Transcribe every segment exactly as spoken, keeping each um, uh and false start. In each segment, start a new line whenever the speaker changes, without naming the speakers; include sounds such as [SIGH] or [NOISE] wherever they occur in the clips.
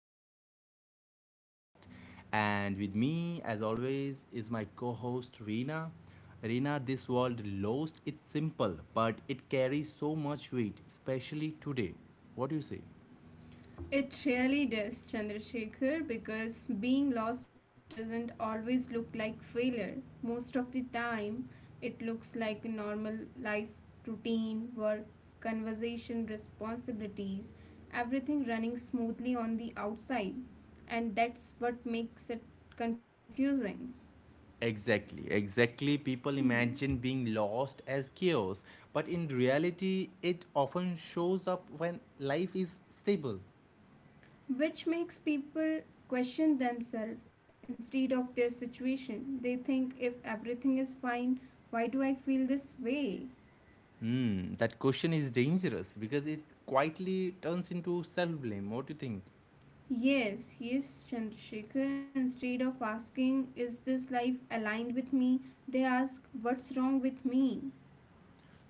and the topic is lost. And with me, as always, is my co host Reena. Reena, this world lost, it's simple, but it carries so much weight, especially today. What do you say?
It really does, Chandrasekhar, because being lost doesn't always look like failure. Most of the time, it looks like a normal life routine, work, conversation, responsibilities, everything running smoothly on the outside. And that's what makes it confusing.
Exactly, exactly. People
Hmm.
imagine being lost as chaos, but in reality, it often shows up when life is stable.
Which makes people question themselves instead of their situation. They think if everything is fine, why do I feel this way?
Hmm, that question is dangerous because it quietly turns into self blame. What do you think?
Yes, yes, Chandrasekhar. Instead of asking, is this life aligned with me? They ask, what's wrong with me?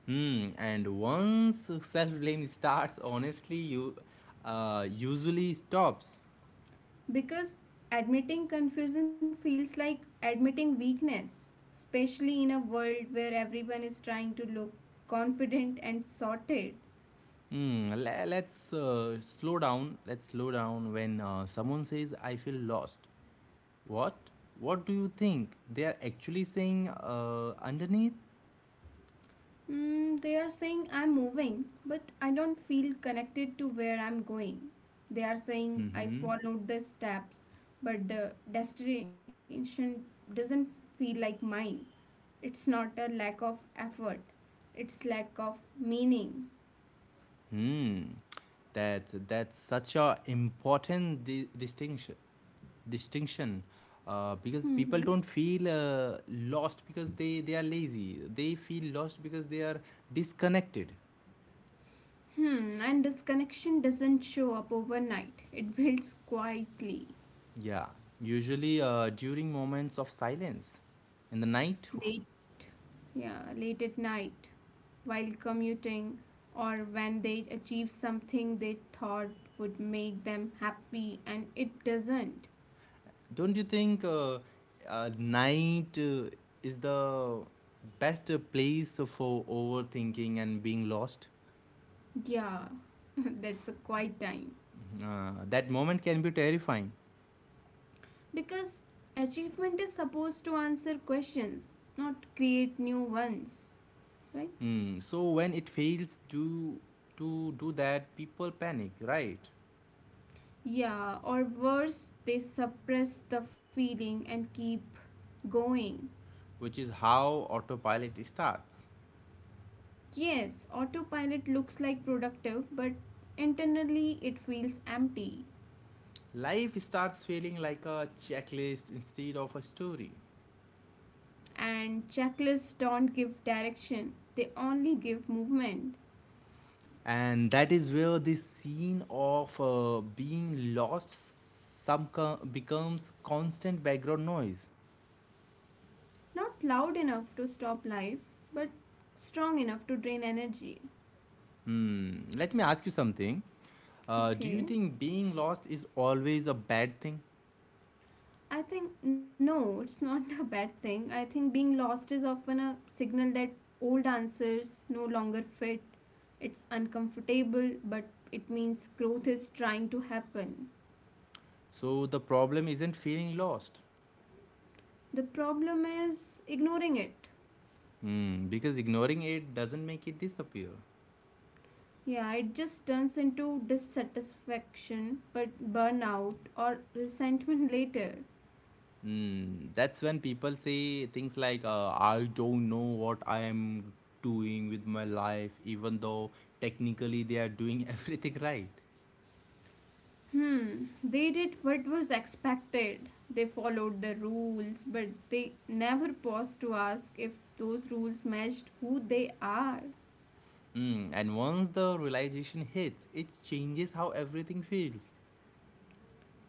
Hmm, and once self blame starts, honestly, you uh, usually stops.
Because admitting confusion feels like admitting weakness, especially in a world where everyone is trying to look confident and sorted.
Hmm, le- let's uh, slow down. Let's slow down when uh, someone says, I feel lost. What? What do you think they are actually saying uh, underneath?
Mm, they are saying I'm moving, but I don't feel connected to where I'm going. They are saying
Mm-hmm.
I followed the steps, but the destination doesn't feel like mine. It's not a lack of effort, it's lack of meaning.
Hmm. That's that's such a important di- distinction. Distinction, uh, because
Hmm.
people don't feel uh, lost because they they are lazy. They feel lost because they are disconnected.
Hmm, and this connection doesn't show up overnight, it builds quietly.
Yeah. Usually uh, during moments of silence, in the night.
late yeah late at night, while commuting, or when they achieve something they thought would make them happy and it doesn't.
Don't you think uh, uh, night uh, is the best uh, place for overthinking and being lost?
Yeah. [LAUGHS] That's a quiet time,
Mhm. Uh, that moment can be terrifying.
because achievement is supposed to answer questions not create new ones, right?
Hmm. So when it fails to to do that, people panic, right?
Yeah, or worse they suppress the feeling and keep going.
Which is how autopilot starts.
Yes, autopilot looks like productive, but internally it feels empty.
Life starts feeling like a checklist instead of a story.
And checklists don't give direction, they only give movement.
And that is where the scene of uh, being lost some co- becomes constant background noise.
Not loud enough to stop life, but strong enough to drain energy.
Hmm. Let me ask you something. Uh, do you
Okay.
think being lost is always a bad thing?
I think no, it's not [LAUGHS] a bad thing. I think being lost is often a signal that old answers no longer fit. It's uncomfortable, but it means growth is trying to happen.
So the problem isn't feeling lost.
The problem is ignoring it.
Hmm, because ignoring it doesn't make it disappear.
Yeah, it just turns into dissatisfaction, but burnout or resentment [LAUGHS] later.
Hmm, that's when people say things like uh, I don't know what I am doing with my life, even though technically they are doing [LAUGHS] everything right.
Hmm, they did what was expected. They followed the rules, but they never paused to ask if those rules matched who they are.
Mm, and once the realization hits, it changes how everything feels.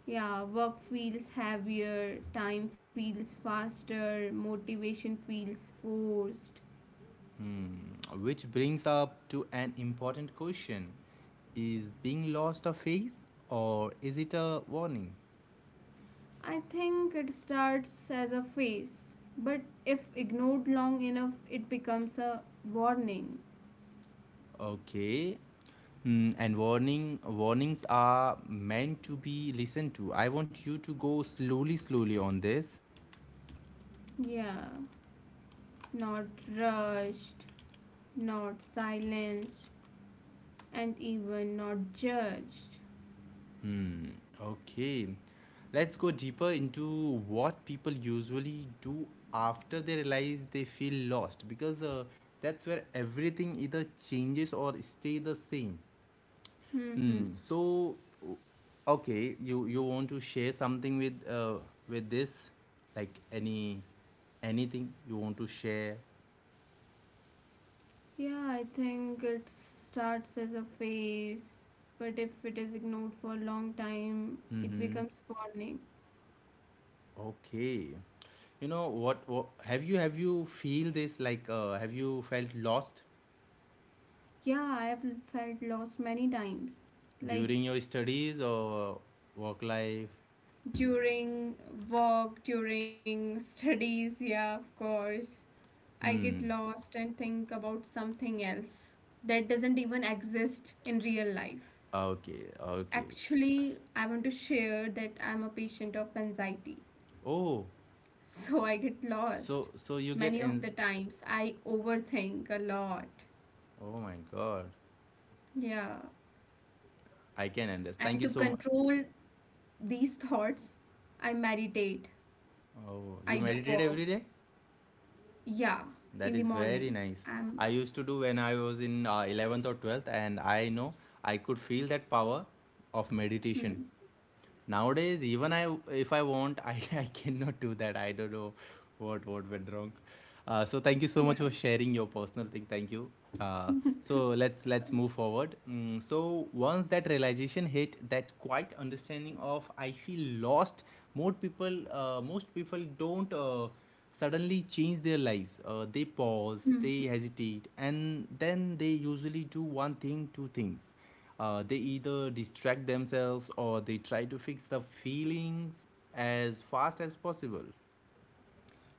Yeah, work feels heavier, time feels faster, motivation feels forced.
Mm, which brings up to an important question. Is being lost a phase, or is it a warning?
I think it starts as a phase, but if ignored long enough, it becomes a warning.
Okay. Mm, and warning warnings are meant to be listened to. I want you to go slowly slowly on this.
Yeah, not rushed, not silenced, and even not judged.
Hmm, okay. Let's go deeper into what people usually do after they realize they feel lost, because uh, that's where everything either changes or stay the same. Hmm.
Hmm.
So, o- okay, you you want to share something with uh with this, like any anything you want to share?
Yeah, I think it starts as a phase, but if it is ignored for a long time, it becomes warning.
Okay. You know what, what have you have you feel this like uh have you felt lost?
Yeah, I have felt lost many times. Like
During your studies or work life?
during work, during studies, yeah, of course. I get
Hmm.
lost and think about something else that doesn't even exist in real life.
Okay. Okay.
Actually, I want to share that I'm a patient of anxiety. [LAUGHS]
Oh,
So I get lost.
so so you
Many
get,
of
and
the times I overthink a lot.
oh my God,
Yeah.
I can understand. Thank you
And to
so much.
control these thoughts, I meditate.
Oh,
I do
you meditate
walk.
every day?
Yeah, in the
That is very
morning.
nice.
I'm
I used to do when I was in uh, eleventh or twelfth, and I know I could feel that power of meditation. Nowadays, even I, if I want, I, [LAUGHS] I cannot do that. I don't know what what went wrong. Uh, so thank you so
yeah.
much for sharing your personal thing. Thank you. Uh, so let's
So
let's move forward. Mm, so once that realization hit, that quite understanding of I feel lost. More people, uh, most people don't uh, suddenly change their lives. Uh, they pause,
hmm.
they hesitate, and then they usually do one thing, two things, uh, they either distract themselves or they try to fix the feelings as fast as possible.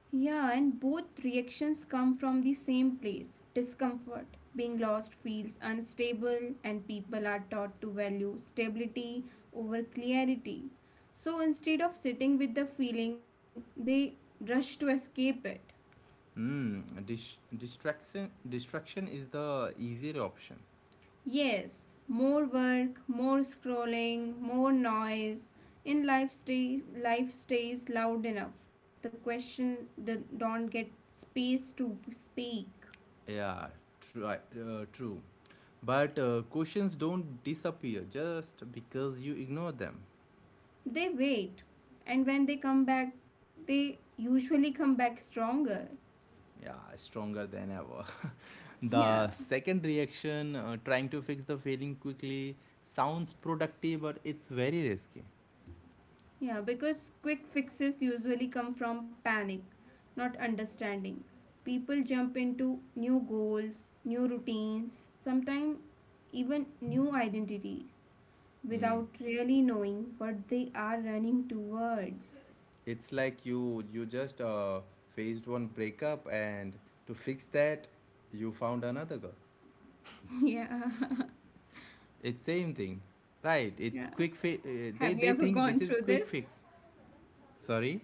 Yeah, and both reactions come from the same place. Discomfort. Being lost feels unstable and people are taught to value stability over clarity. So instead of sitting with the feeling, they rush to escape it.
Hmm. Dis- distraction distraction is the easier option.
Yes, more work, more scrolling, more noise. In life stays life stays loud enough. The question that don't get space to speak.
Yeah, true. Uh, true. But uh, questions don't disappear just because you ignore them.
They wait, and when they come back, they usually come back stronger.
Yeah, stronger than ever. [LAUGHS]
Yeah.
The second reaction, uh, trying to fix the failing quickly, sounds productive, but it's very risky.
Yeah, because quick fixes usually come from panic, not understanding. People jump into new goals, new routines, sometimes even new identities
Mm.
without really knowing what they are running towards.
It's like you you just uh, faced one breakup and to fix that you found another girl.
[LAUGHS] Yeah. [LAUGHS]
It's same thing. Right, it's
Yeah.
quick fi- uh, they they
Have you
think
ever
this is
gone
quick
through
fix.
this?
Sorry?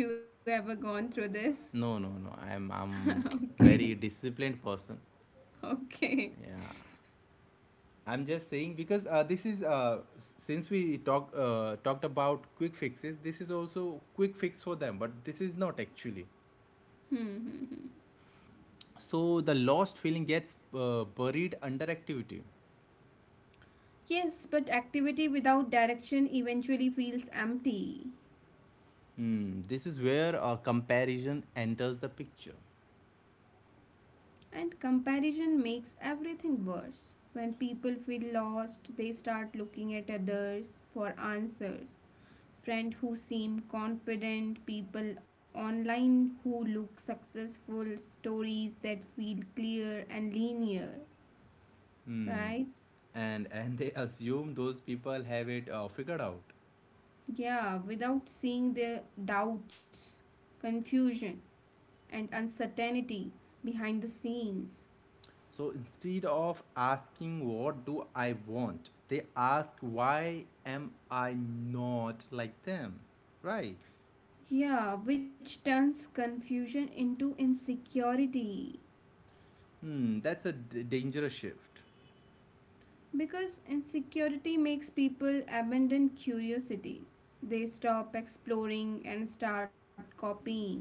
Have you ever gone through this?
No, no, no. I'm
[LAUGHS]
I'm
Okay.
very disciplined person.
Okay.
Yeah. I'm just saying because uh, this is uh, s- since we talk uh, talked about quick fixes, this is also quick fix for them, but this is not actually.
Hmm. Hmm, hmm.
So the lost feeling gets uh, buried under activity.
Yes, but activity without direction eventually feels empty.
Mm, this is where a comparison enters the picture.
And comparison makes everything worse. When people feel lost, they start looking at others for answers. Friends who seem confident, people online who look successful, stories that feel clear and linear,
Mm,
right?
and [LAUGHS] and they assume those people have it uh, figured out.
Yeah, without seeing the doubts, confusion, and uncertainty behind the scenes.
So instead of asking what do I want, they ask why am I not like them, right?
Yeah, which turns confusion into insecurity.
Mm, that's a d- dangerous shift.
Because insecurity makes people abandon curiosity. They stop exploring and start copying.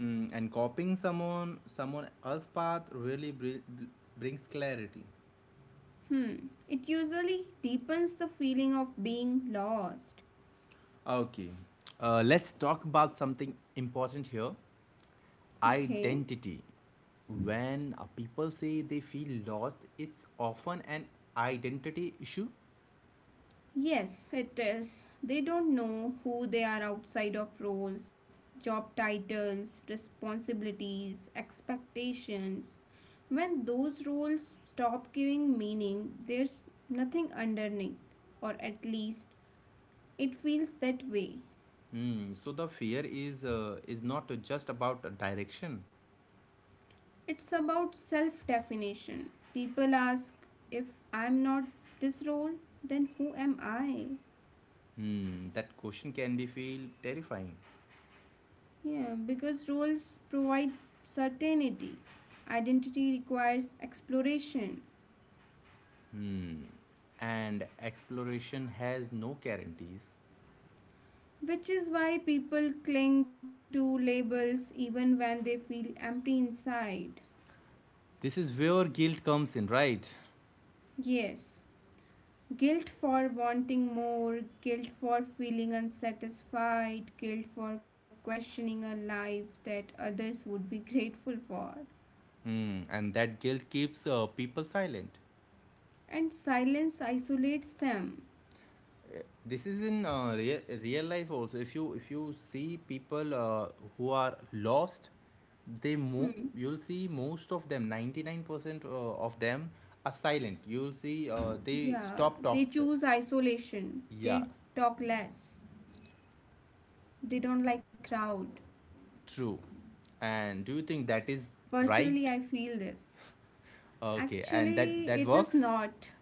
Mm, and copying someone someone else's path really br- br- brings clarity.
Hmm, it usually deepens the feeling of being lost.
Okay, uh, let's talk about something important here.
Okay.
Identity. When uh, people say they feel lost, it's often an identity issue.
Yes, it is. They don't know who they are outside of roles, job titles, responsibilities, expectations. When those roles stop giving meaning, there's nothing underneath, or at least it feels that way.
Hmm, so the fear is uh, is not just about direction.
It's about self definition. People ask if I'm not this role, then who am I?
Hmm, that question can be feel terrifying.
Yeah, because roles provide certainty. Identity requires exploration,
Hmm, and exploration has no guarantees.
which is why people cling to labels even when they feel empty inside.
This is where guilt comes in, right?
Yes, guilt for wanting more, guilt for feeling unsatisfied, guilt for questioning a life that others would be grateful for.
Hmm, and that guilt keeps uh, people silent.
And silence isolates them.
This is in uh, real, real life also. If you if you see people uh, who are lost, they mo-
Hmm.
you'll see most of them, ninety-nine percent uh, of them, are silent. You'll see uh, they
Yeah,
stop
they
talk uh,
choose isolation.
yeah,
They talk less. They don't like crowd.
true. And do you think that is
Personally,
right?
I feel this.
Okay, and that
Actually,
that
it is
works.
not.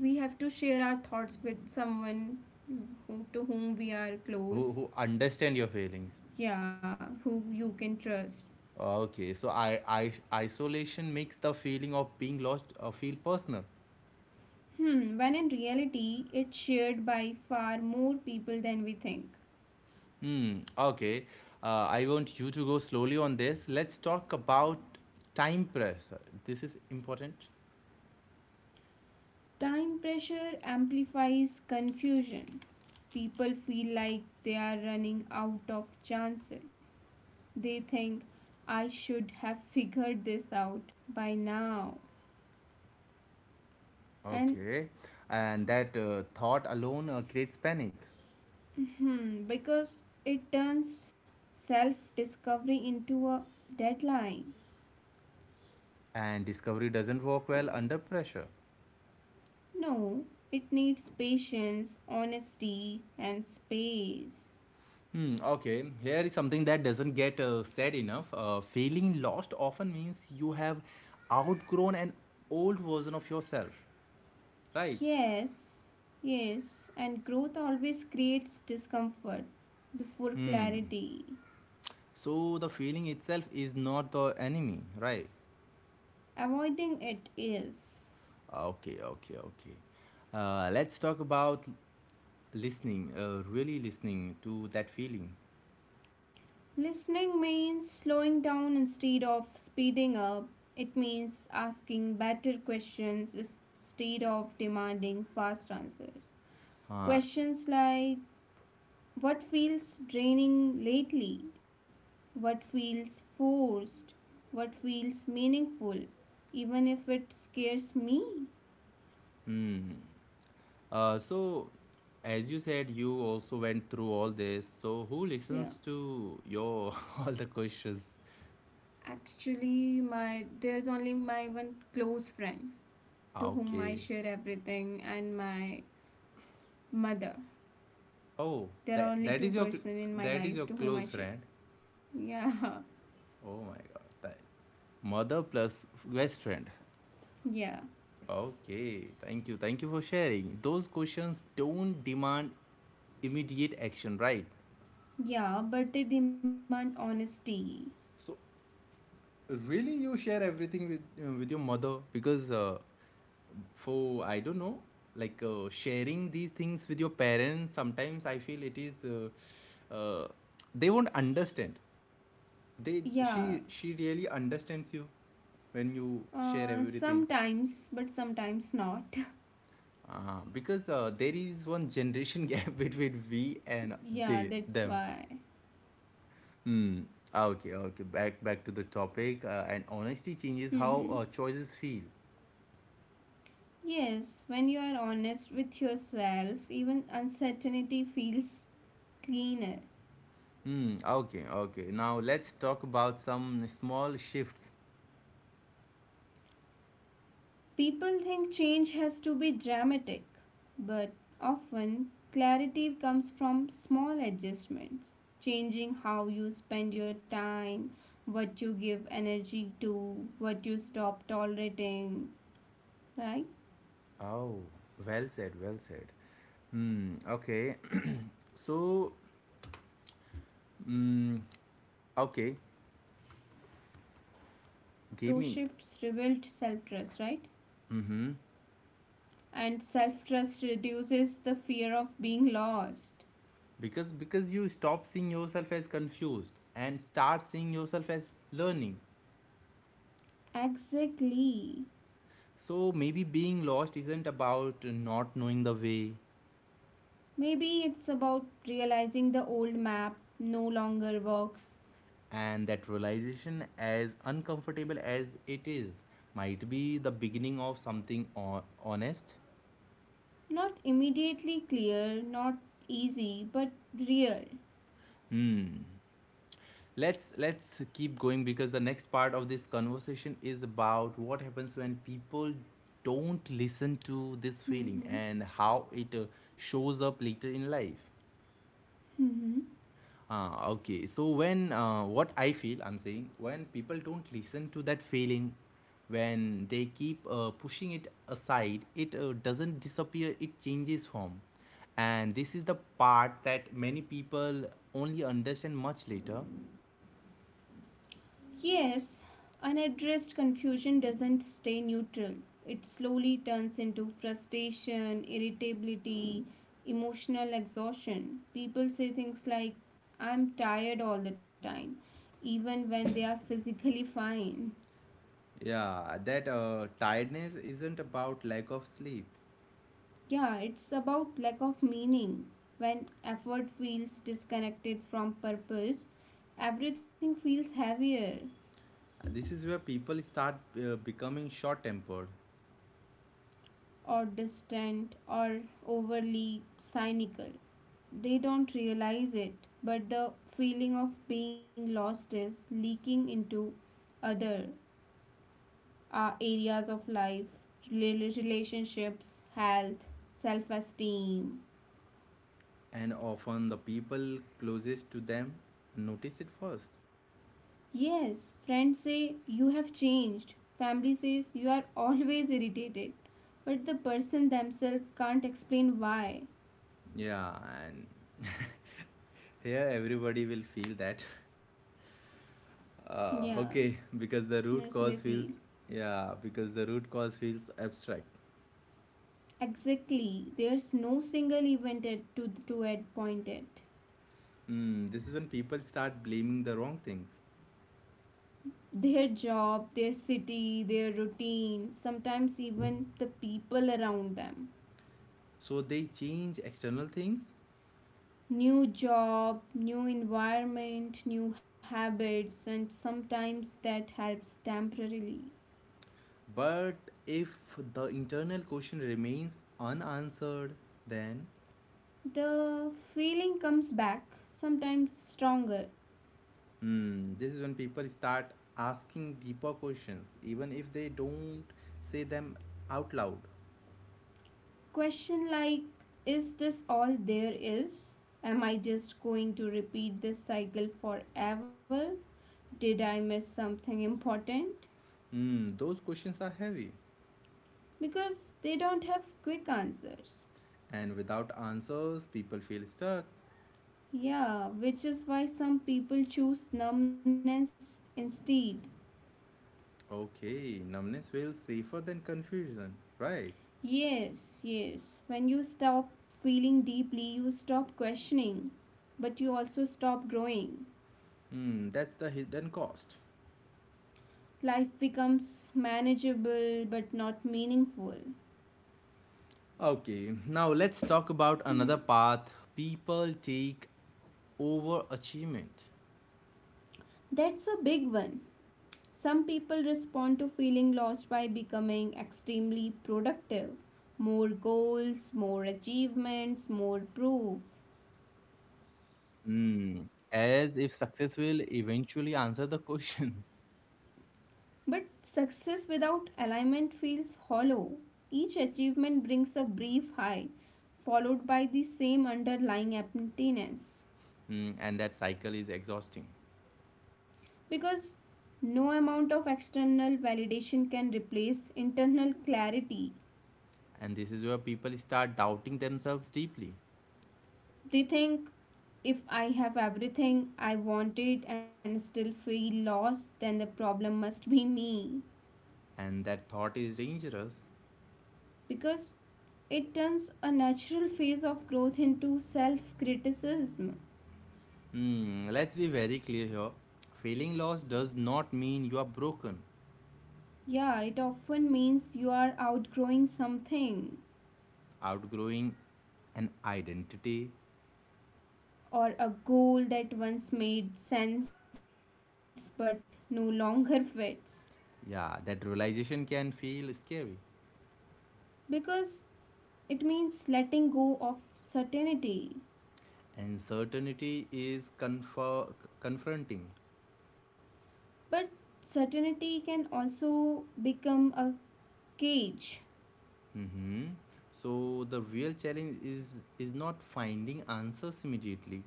We have to share our thoughts with someone who, to whom we are
who,
close.
who understand your feelings?
Yeah, who you can trust.
Okay, so I, I isolation makes the feeling of being lost uh, feel personal.
Hmm, when in reality, it's shared by far more people than we think.
Hmm. Okay. Uh, I want you to go slowly on this. Let's talk about time pressure. This is important.
Time pressure amplifies confusion. People feel like they are running out of chances. They think, I should have figured this out by now. And
Okay. And that uh, thought alone uh, creates panic.
hmm, because it turns self discovery into a deadline.
And discovery doesn't work well under pressure.
No, it needs patience, honesty, and space.
Hmm. Okay. Here is something that doesn't get uh, said enough. Uh, feeling lost often means you have outgrown an old version of yourself. Right.
Yes, yes, and growth always creates discomfort before
Hmm.
clarity.
So the feeling itself is not the enemy, right?
Avoiding it is.
Okay, okay, okay. Uh, let's talk about listening, uh, really listening to that feeling.
Listening means slowing down instead of speeding up. It means asking better questions instead of demanding fast answers.
Uh, s-
Questions like what feels draining lately? What feels forced? What feels meaningful? Even if it scares me?
mm. uh, so, as you said, you also went through all this. So, who listens
Yeah.
to your [LAUGHS] all the questions?
Actually, my there's only my one close friend to whom I
Okay.
share everything and my mother.
Oh,
There are
that
only two
that is your cl-
person in my
that is
life
your
to whom
close
I share.
friend.
Yeah. [LAUGHS]
Oh my God, that mother plus best friend.
Yeah.
Okay, thank you. Thank you for sharing. Those questions don't demand immediate action, right?
Yeah, but they demand honesty.
So, really, you share everything with uh, with your mother? Because uh, for I don't know, like uh, sharing these things with your parents, sometimes I feel it is uh, uh, they won't understand. They
Yeah.
she she really understands you when you share
Uh,
everything.
sometimes, but sometimes not. [LAUGHS]
Uh, because uh, there is one generation [LAUGHS] gap between we and they
Yeah, that's
them.
why.
Mm. Okay, okay. Back back to the topic. Uh, and honesty changes how
Hmm.
uh, choices feel.
Yes, when you are honest with yourself, even uncertainty feels cleaner.
Hmm. Okay, okay. Now let's talk about some small shifts.
People think change has to be dramatic, but often clarity comes from small adjustments. Changing how you spend your time, what you give energy to, what you stop tolerating, right?
Oh, well said, well said. Hmm. Okay. So, mm, okay.
Those
Give me.
shifts rebuild self trust, right?
Mm-hmm.
And self trust reduces the fear of being lost.
Because because you stop seeing yourself as confused and start seeing yourself as learning.
Exactly.
So maybe being lost isn't about not knowing the way.
Maybe it's about realizing the old map no longer works.
And that realization, as uncomfortable as it is, might be the beginning of something ho- honest.
Not immediately clear, not easy, but real.
Hmm. let's let's keep going, because the next part of this conversation is about what happens when people don't listen to this feeling
Mhm.
and how it uh, shows up later in life.
Mhm.
Ah, okay. So when uh, what I feel, I'm saying when people don't listen to that feeling, when they keep uh, pushing it aside, it uh, doesn't disappear. It changes form, and this is the part that many people only understand much later.
Yes, unaddressed confusion doesn't stay neutral. It slowly turns into frustration, irritability, emotional exhaustion. People say things like, I'm tired all the time, even when they are physically fine.
Yeah, that uh, tiredness isn't about lack of sleep.
Yeah, it's about lack of meaning. When effort feels disconnected from purpose, everything feels heavier,
This is where people start uh, becoming short tempered,
or distant, or overly cynical. They don't realize it, but the feeling of being lost is leaking into other uh, areas of life, relationships, health, self esteem.
and often the people closest to them notice it first.
Yes, friends say you have changed, family says you are [LAUGHS] always irritated, but the person themselves can't explain why.
Yeah, and Yeah, everybody will feel that. Uh,
Yeah,
okay, because the root
listeners may
cause
feel.
feels yeah, because the root cause feels abstract.
Exactly, there's no single event at- to, to add point at.
Mm, this is when people start blaming the wrong things.
Their job, their city, their routine, sometimes even the people around them.
So they change external things,
New job, new environment, new habits, and sometimes that helps temporarily.
but if the internal question remains unanswered, then
The feeling comes back, sometimes stronger.
mm, this is when people start asking deeper questions, even if they don't say them out loud.
Question like, is this all there is? Am I just going to repeat this cycle forever? Did I miss something important?
Mm, those questions are heavy,
Because they don't have quick answers.
and without answers, people feel stuck.
Yeah, which is why some people choose numbness instead.
Okay, numbness feels safer than confusion, right?
Yes, yes. When you stop feeling deeply, you stop questioning, but you also stop growing.
Hmm, that's the hidden cost.
Life becomes manageable but not meaningful.
Okay, now let's talk about another
Hmm.
path people take: over achievement.
That's a big one. Some people respond to feeling lost by becoming extremely productive. More goals, more achievements, more proof.
As if success will eventually answer the question. [LAUGHS]
But success without alignment feels hollow. Each achievement brings a brief high, followed by the same underlying emptiness.
Hmm, and that cycle is exhausting.
Because no amount of external validation can replace internal clarity.
And this is where people start doubting themselves deeply,
They think if I have everything I wanted and still feel lost, then the problem must be me.
and that thought is dangerous.
Because it turns a natural phase of growth into self criticism.
Hmm, let's be very clear here. Feeling lost does not mean you are broken.
Yeah, it often means you are outgrowing something
Outgrowing an identity,
or a goal that once made sense but no longer fits.
yeah, that realization can feel scary.
Because it means letting go of certainty.
Uncertainty is confer- confronting.
But certainty can also become a cage.
Hmm. So the real challenge is is not finding answers immediately.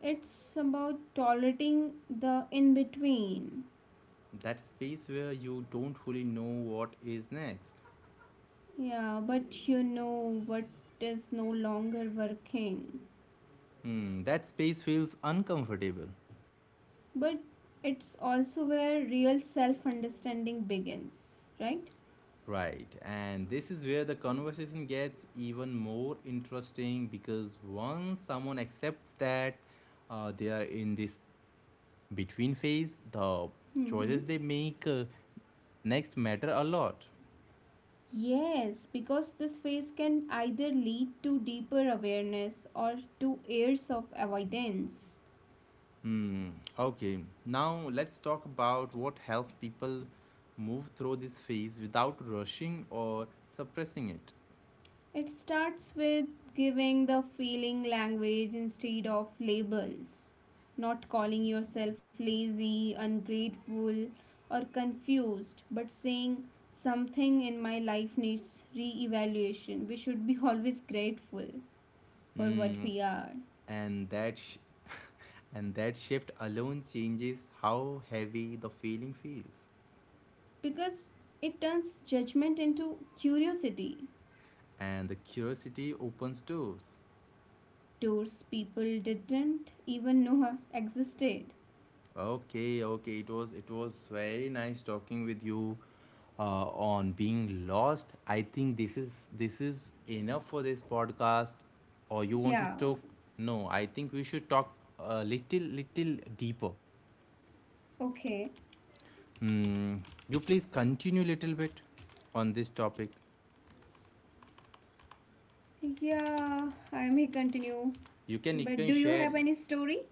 It's about tolerating the in between.
That space where you don't fully know what is next.
Yeah, but you know what is no longer working.
Hmm, that space feels uncomfortable.
But it's also where real self understanding begins, right?
Right, and this is where the conversation gets even more interesting, because once someone accepts that uh, they are in this between phase, the
Mm-hmm.
choices they make uh, next matter a lot.
Yes, because this phase can either lead to deeper awareness or to years of avoidance.
Hmm, okay, now let's talk about what helps people move through this phase without rushing or suppressing it.
It starts with giving the feeling language instead of labels, not calling yourself lazy, ungrateful, or confused, but saying something in my life needs re evaluation. We should be always grateful for what
Hmm.
we are
and that sh- and that shift alone changes how heavy the feeling feels.
because it turns judgment into curiosity
And the curiosity opens doors.
towards people didn't even know existed.
Okay, okay, it was it was very nice talking with you uh, on being lost. I think this is this is enough for this podcast, or you want to
Yeah,
talk? No, I think we should talk a little little deeper.
okay.
Hmm. You please continue little bit on this topic.
Yeah, I may continue.
You can you
But
can
do you
share.
have any story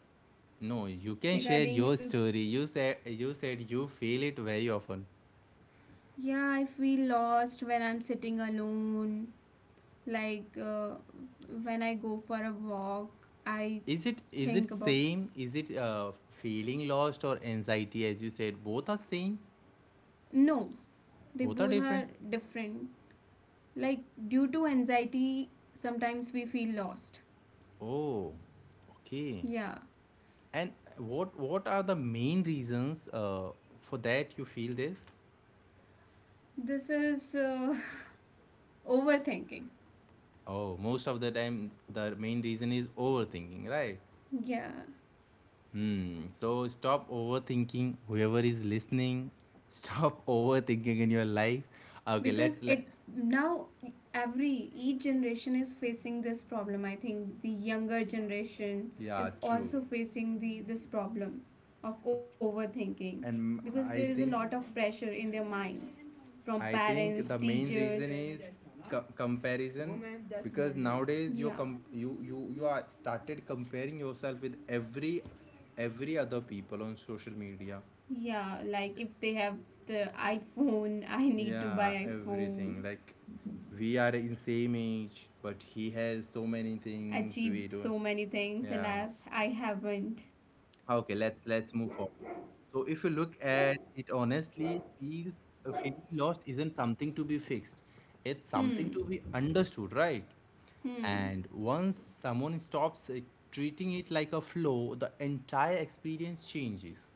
No, you can share
regarding
your
you?
story. you said you said you feel it very often.
Yeah, I feel lost when I'm sitting alone. Like uh, when I go for a walk, I
Is it is it
think about.
same? Is it uh, feeling lost or anxiety? As you said, both are same.
No, they
Both are
both
different.
are different. Like due to anxiety, sometimes we feel lost.
Oh, okay.
Yeah,
And what what are the main reasons uh, for that you feel this?
this is uh, [LAUGHS] overthinking.
Oh, most of the time the main reason is overthinking, right?
Yeah,
Hmm. So stop overthinking. Whoever is listening, stop [LAUGHS] overthinking in your life. Okay,
because
let's let.
it now every each generation is facing this problem. I think the younger generation
Yeah,
is
true.
also facing the this problem of overthinking, because
And
there is a
I
lot
think
of pressure in their minds from
I
parents,
think the main
teachers.
reason is co- comparison, because nowadays you
Yeah.
com- you you you are started comparing yourself with every every other people on social media.
Yeah, like if they have the iPhone, I need to
Yeah,
buy iPhone.
everything like we are in same age, but he has so many things we
Achieved
do.
so many things and
Yeah.
i i haven't.
Okay, let's let's move forward. So if you look at it honestly, feels uh, feeling lost isn't something to be fixed. It's something to
Hmm.
be understood, right?
Hmm.
And once someone stops uh, treating it like a flow, the entire experience changes.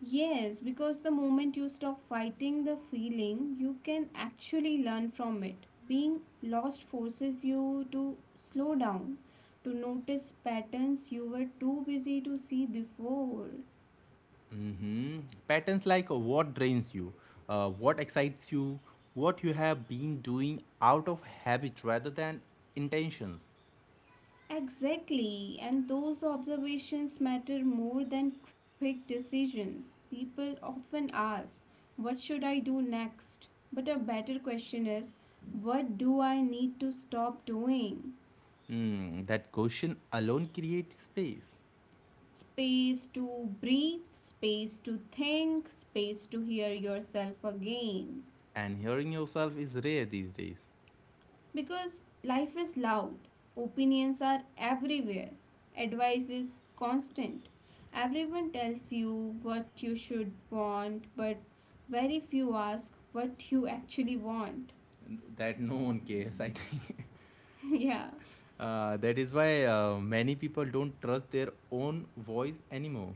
Yes, because the moment you stop fighting the feeling, you can actually learn from it. Being lost forces you to slow down, to notice patterns you were too busy to see before.
Patterns like uh, what drains you, uh, what excites you, what you have been doing out of habit rather than intentions.
Exactly, and those observations matter more than quick decisions. People often ask, what should I do next? But a better question is, what do I need to stop doing?
Hmm, that question alone creates space.
Space to breathe, space to think, space to hear yourself again.
And hearing yourself is rare these days.
Because life is loud, opinions are everywhere, advice is constant. Everyone tells you what you should want, but very few ask what you actually want.
That no one cares I think.
[LAUGHS] Yeah.
[LAUGHS] Uh, that is why uh, many people don't trust their own voice anymore.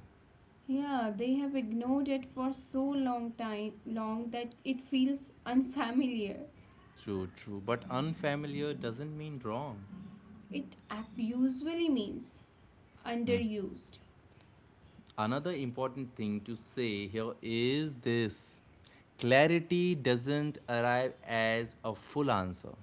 Yeah, they have ignored it for so long time long that it feels unfamiliar.
True, true, but unfamiliar doesn't mean wrong.
It ap- usually means underused.
Another important thing to say here is this: clarity doesn't arrive as a full answer.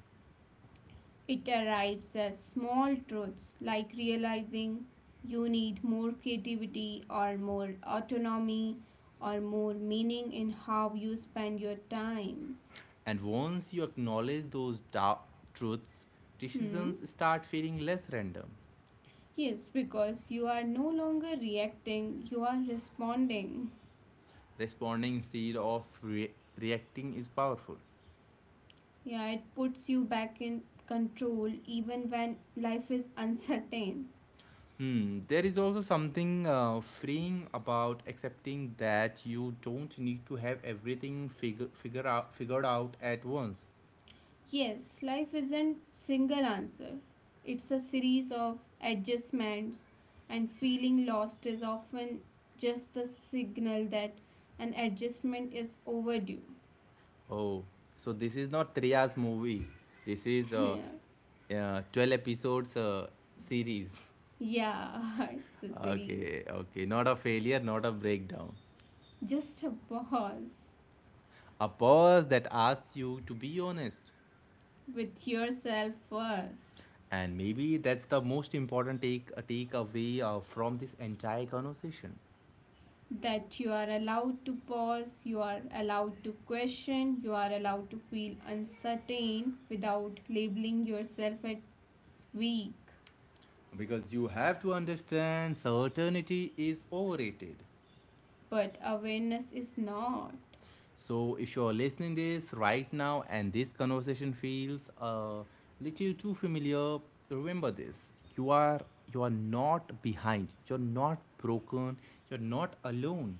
It arrives as small truths like realizing you need more creativity or more autonomy or more meaning in how you spend your time.
And once you acknowledge those dark truths,
Hmm?
decisions start feeling less random.
Yes, because you are no longer reacting, you are responding.
Responding instead of re- reacting is powerful.
Yeah, it puts you back in control even when life is [LAUGHS] uncertain.
Hmm, there is also something uh, freeing about accepting that you don't need to have everything figure, figure out, figured out at once.
Yes, life isn't single answer. It's a series of adjustments and feeling lost is often just the signal that an adjustment is overdue.
Oh, so this is not Tria's movie. This is a
[LAUGHS]
uh, uh, twelve episodes uh, series.
Yeah, [LAUGHS] it's a series.
Okay, okay. Not a failure, not a breakdown.
Just a pause
A pause that asks you to be honest.
with yourself first.
And maybe that's the most important take uh, takeaway uh, from this entire conversation.
That you are allowed to pause, you are allowed to question, you are allowed to feel uncertain without labeling yourself as weak,
Because you have to understand certainty is overrated.
but awareness is not.
So if you're listening this right now and this conversation feels a little too familiar, remember this. You are you are not behind. You're not broken. You're not alone.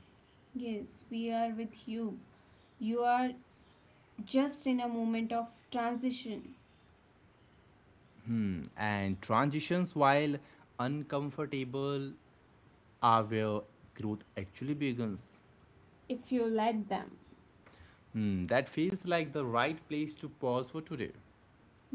Yes, we are with you. You are just in a moment of transition
Hmm. And transitions, while uncomfortable, are where growth actually begins.
if you let them.
Hmm, that feels like the right place to pause for today.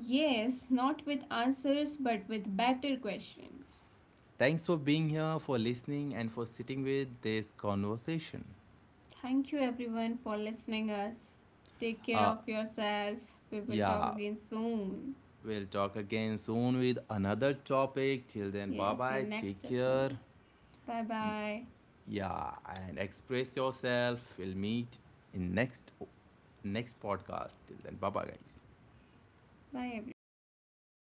Yes, not with answers but with better questions.
Thanks for being here, for listening, and for sitting with this conversation.
Thank you everyone for listening us. Take care
Uh,
of yourself. We will talk
yeah,
again soon.
we'll talk again soon with another topic. Till then, bye
Yes,
bye,
in
take
next
care.
episode. Bye
Y-
bye.
yeah, and express yourself. We'll meet in next next podcast. Till then, bye bye, guys.
Bye everyone.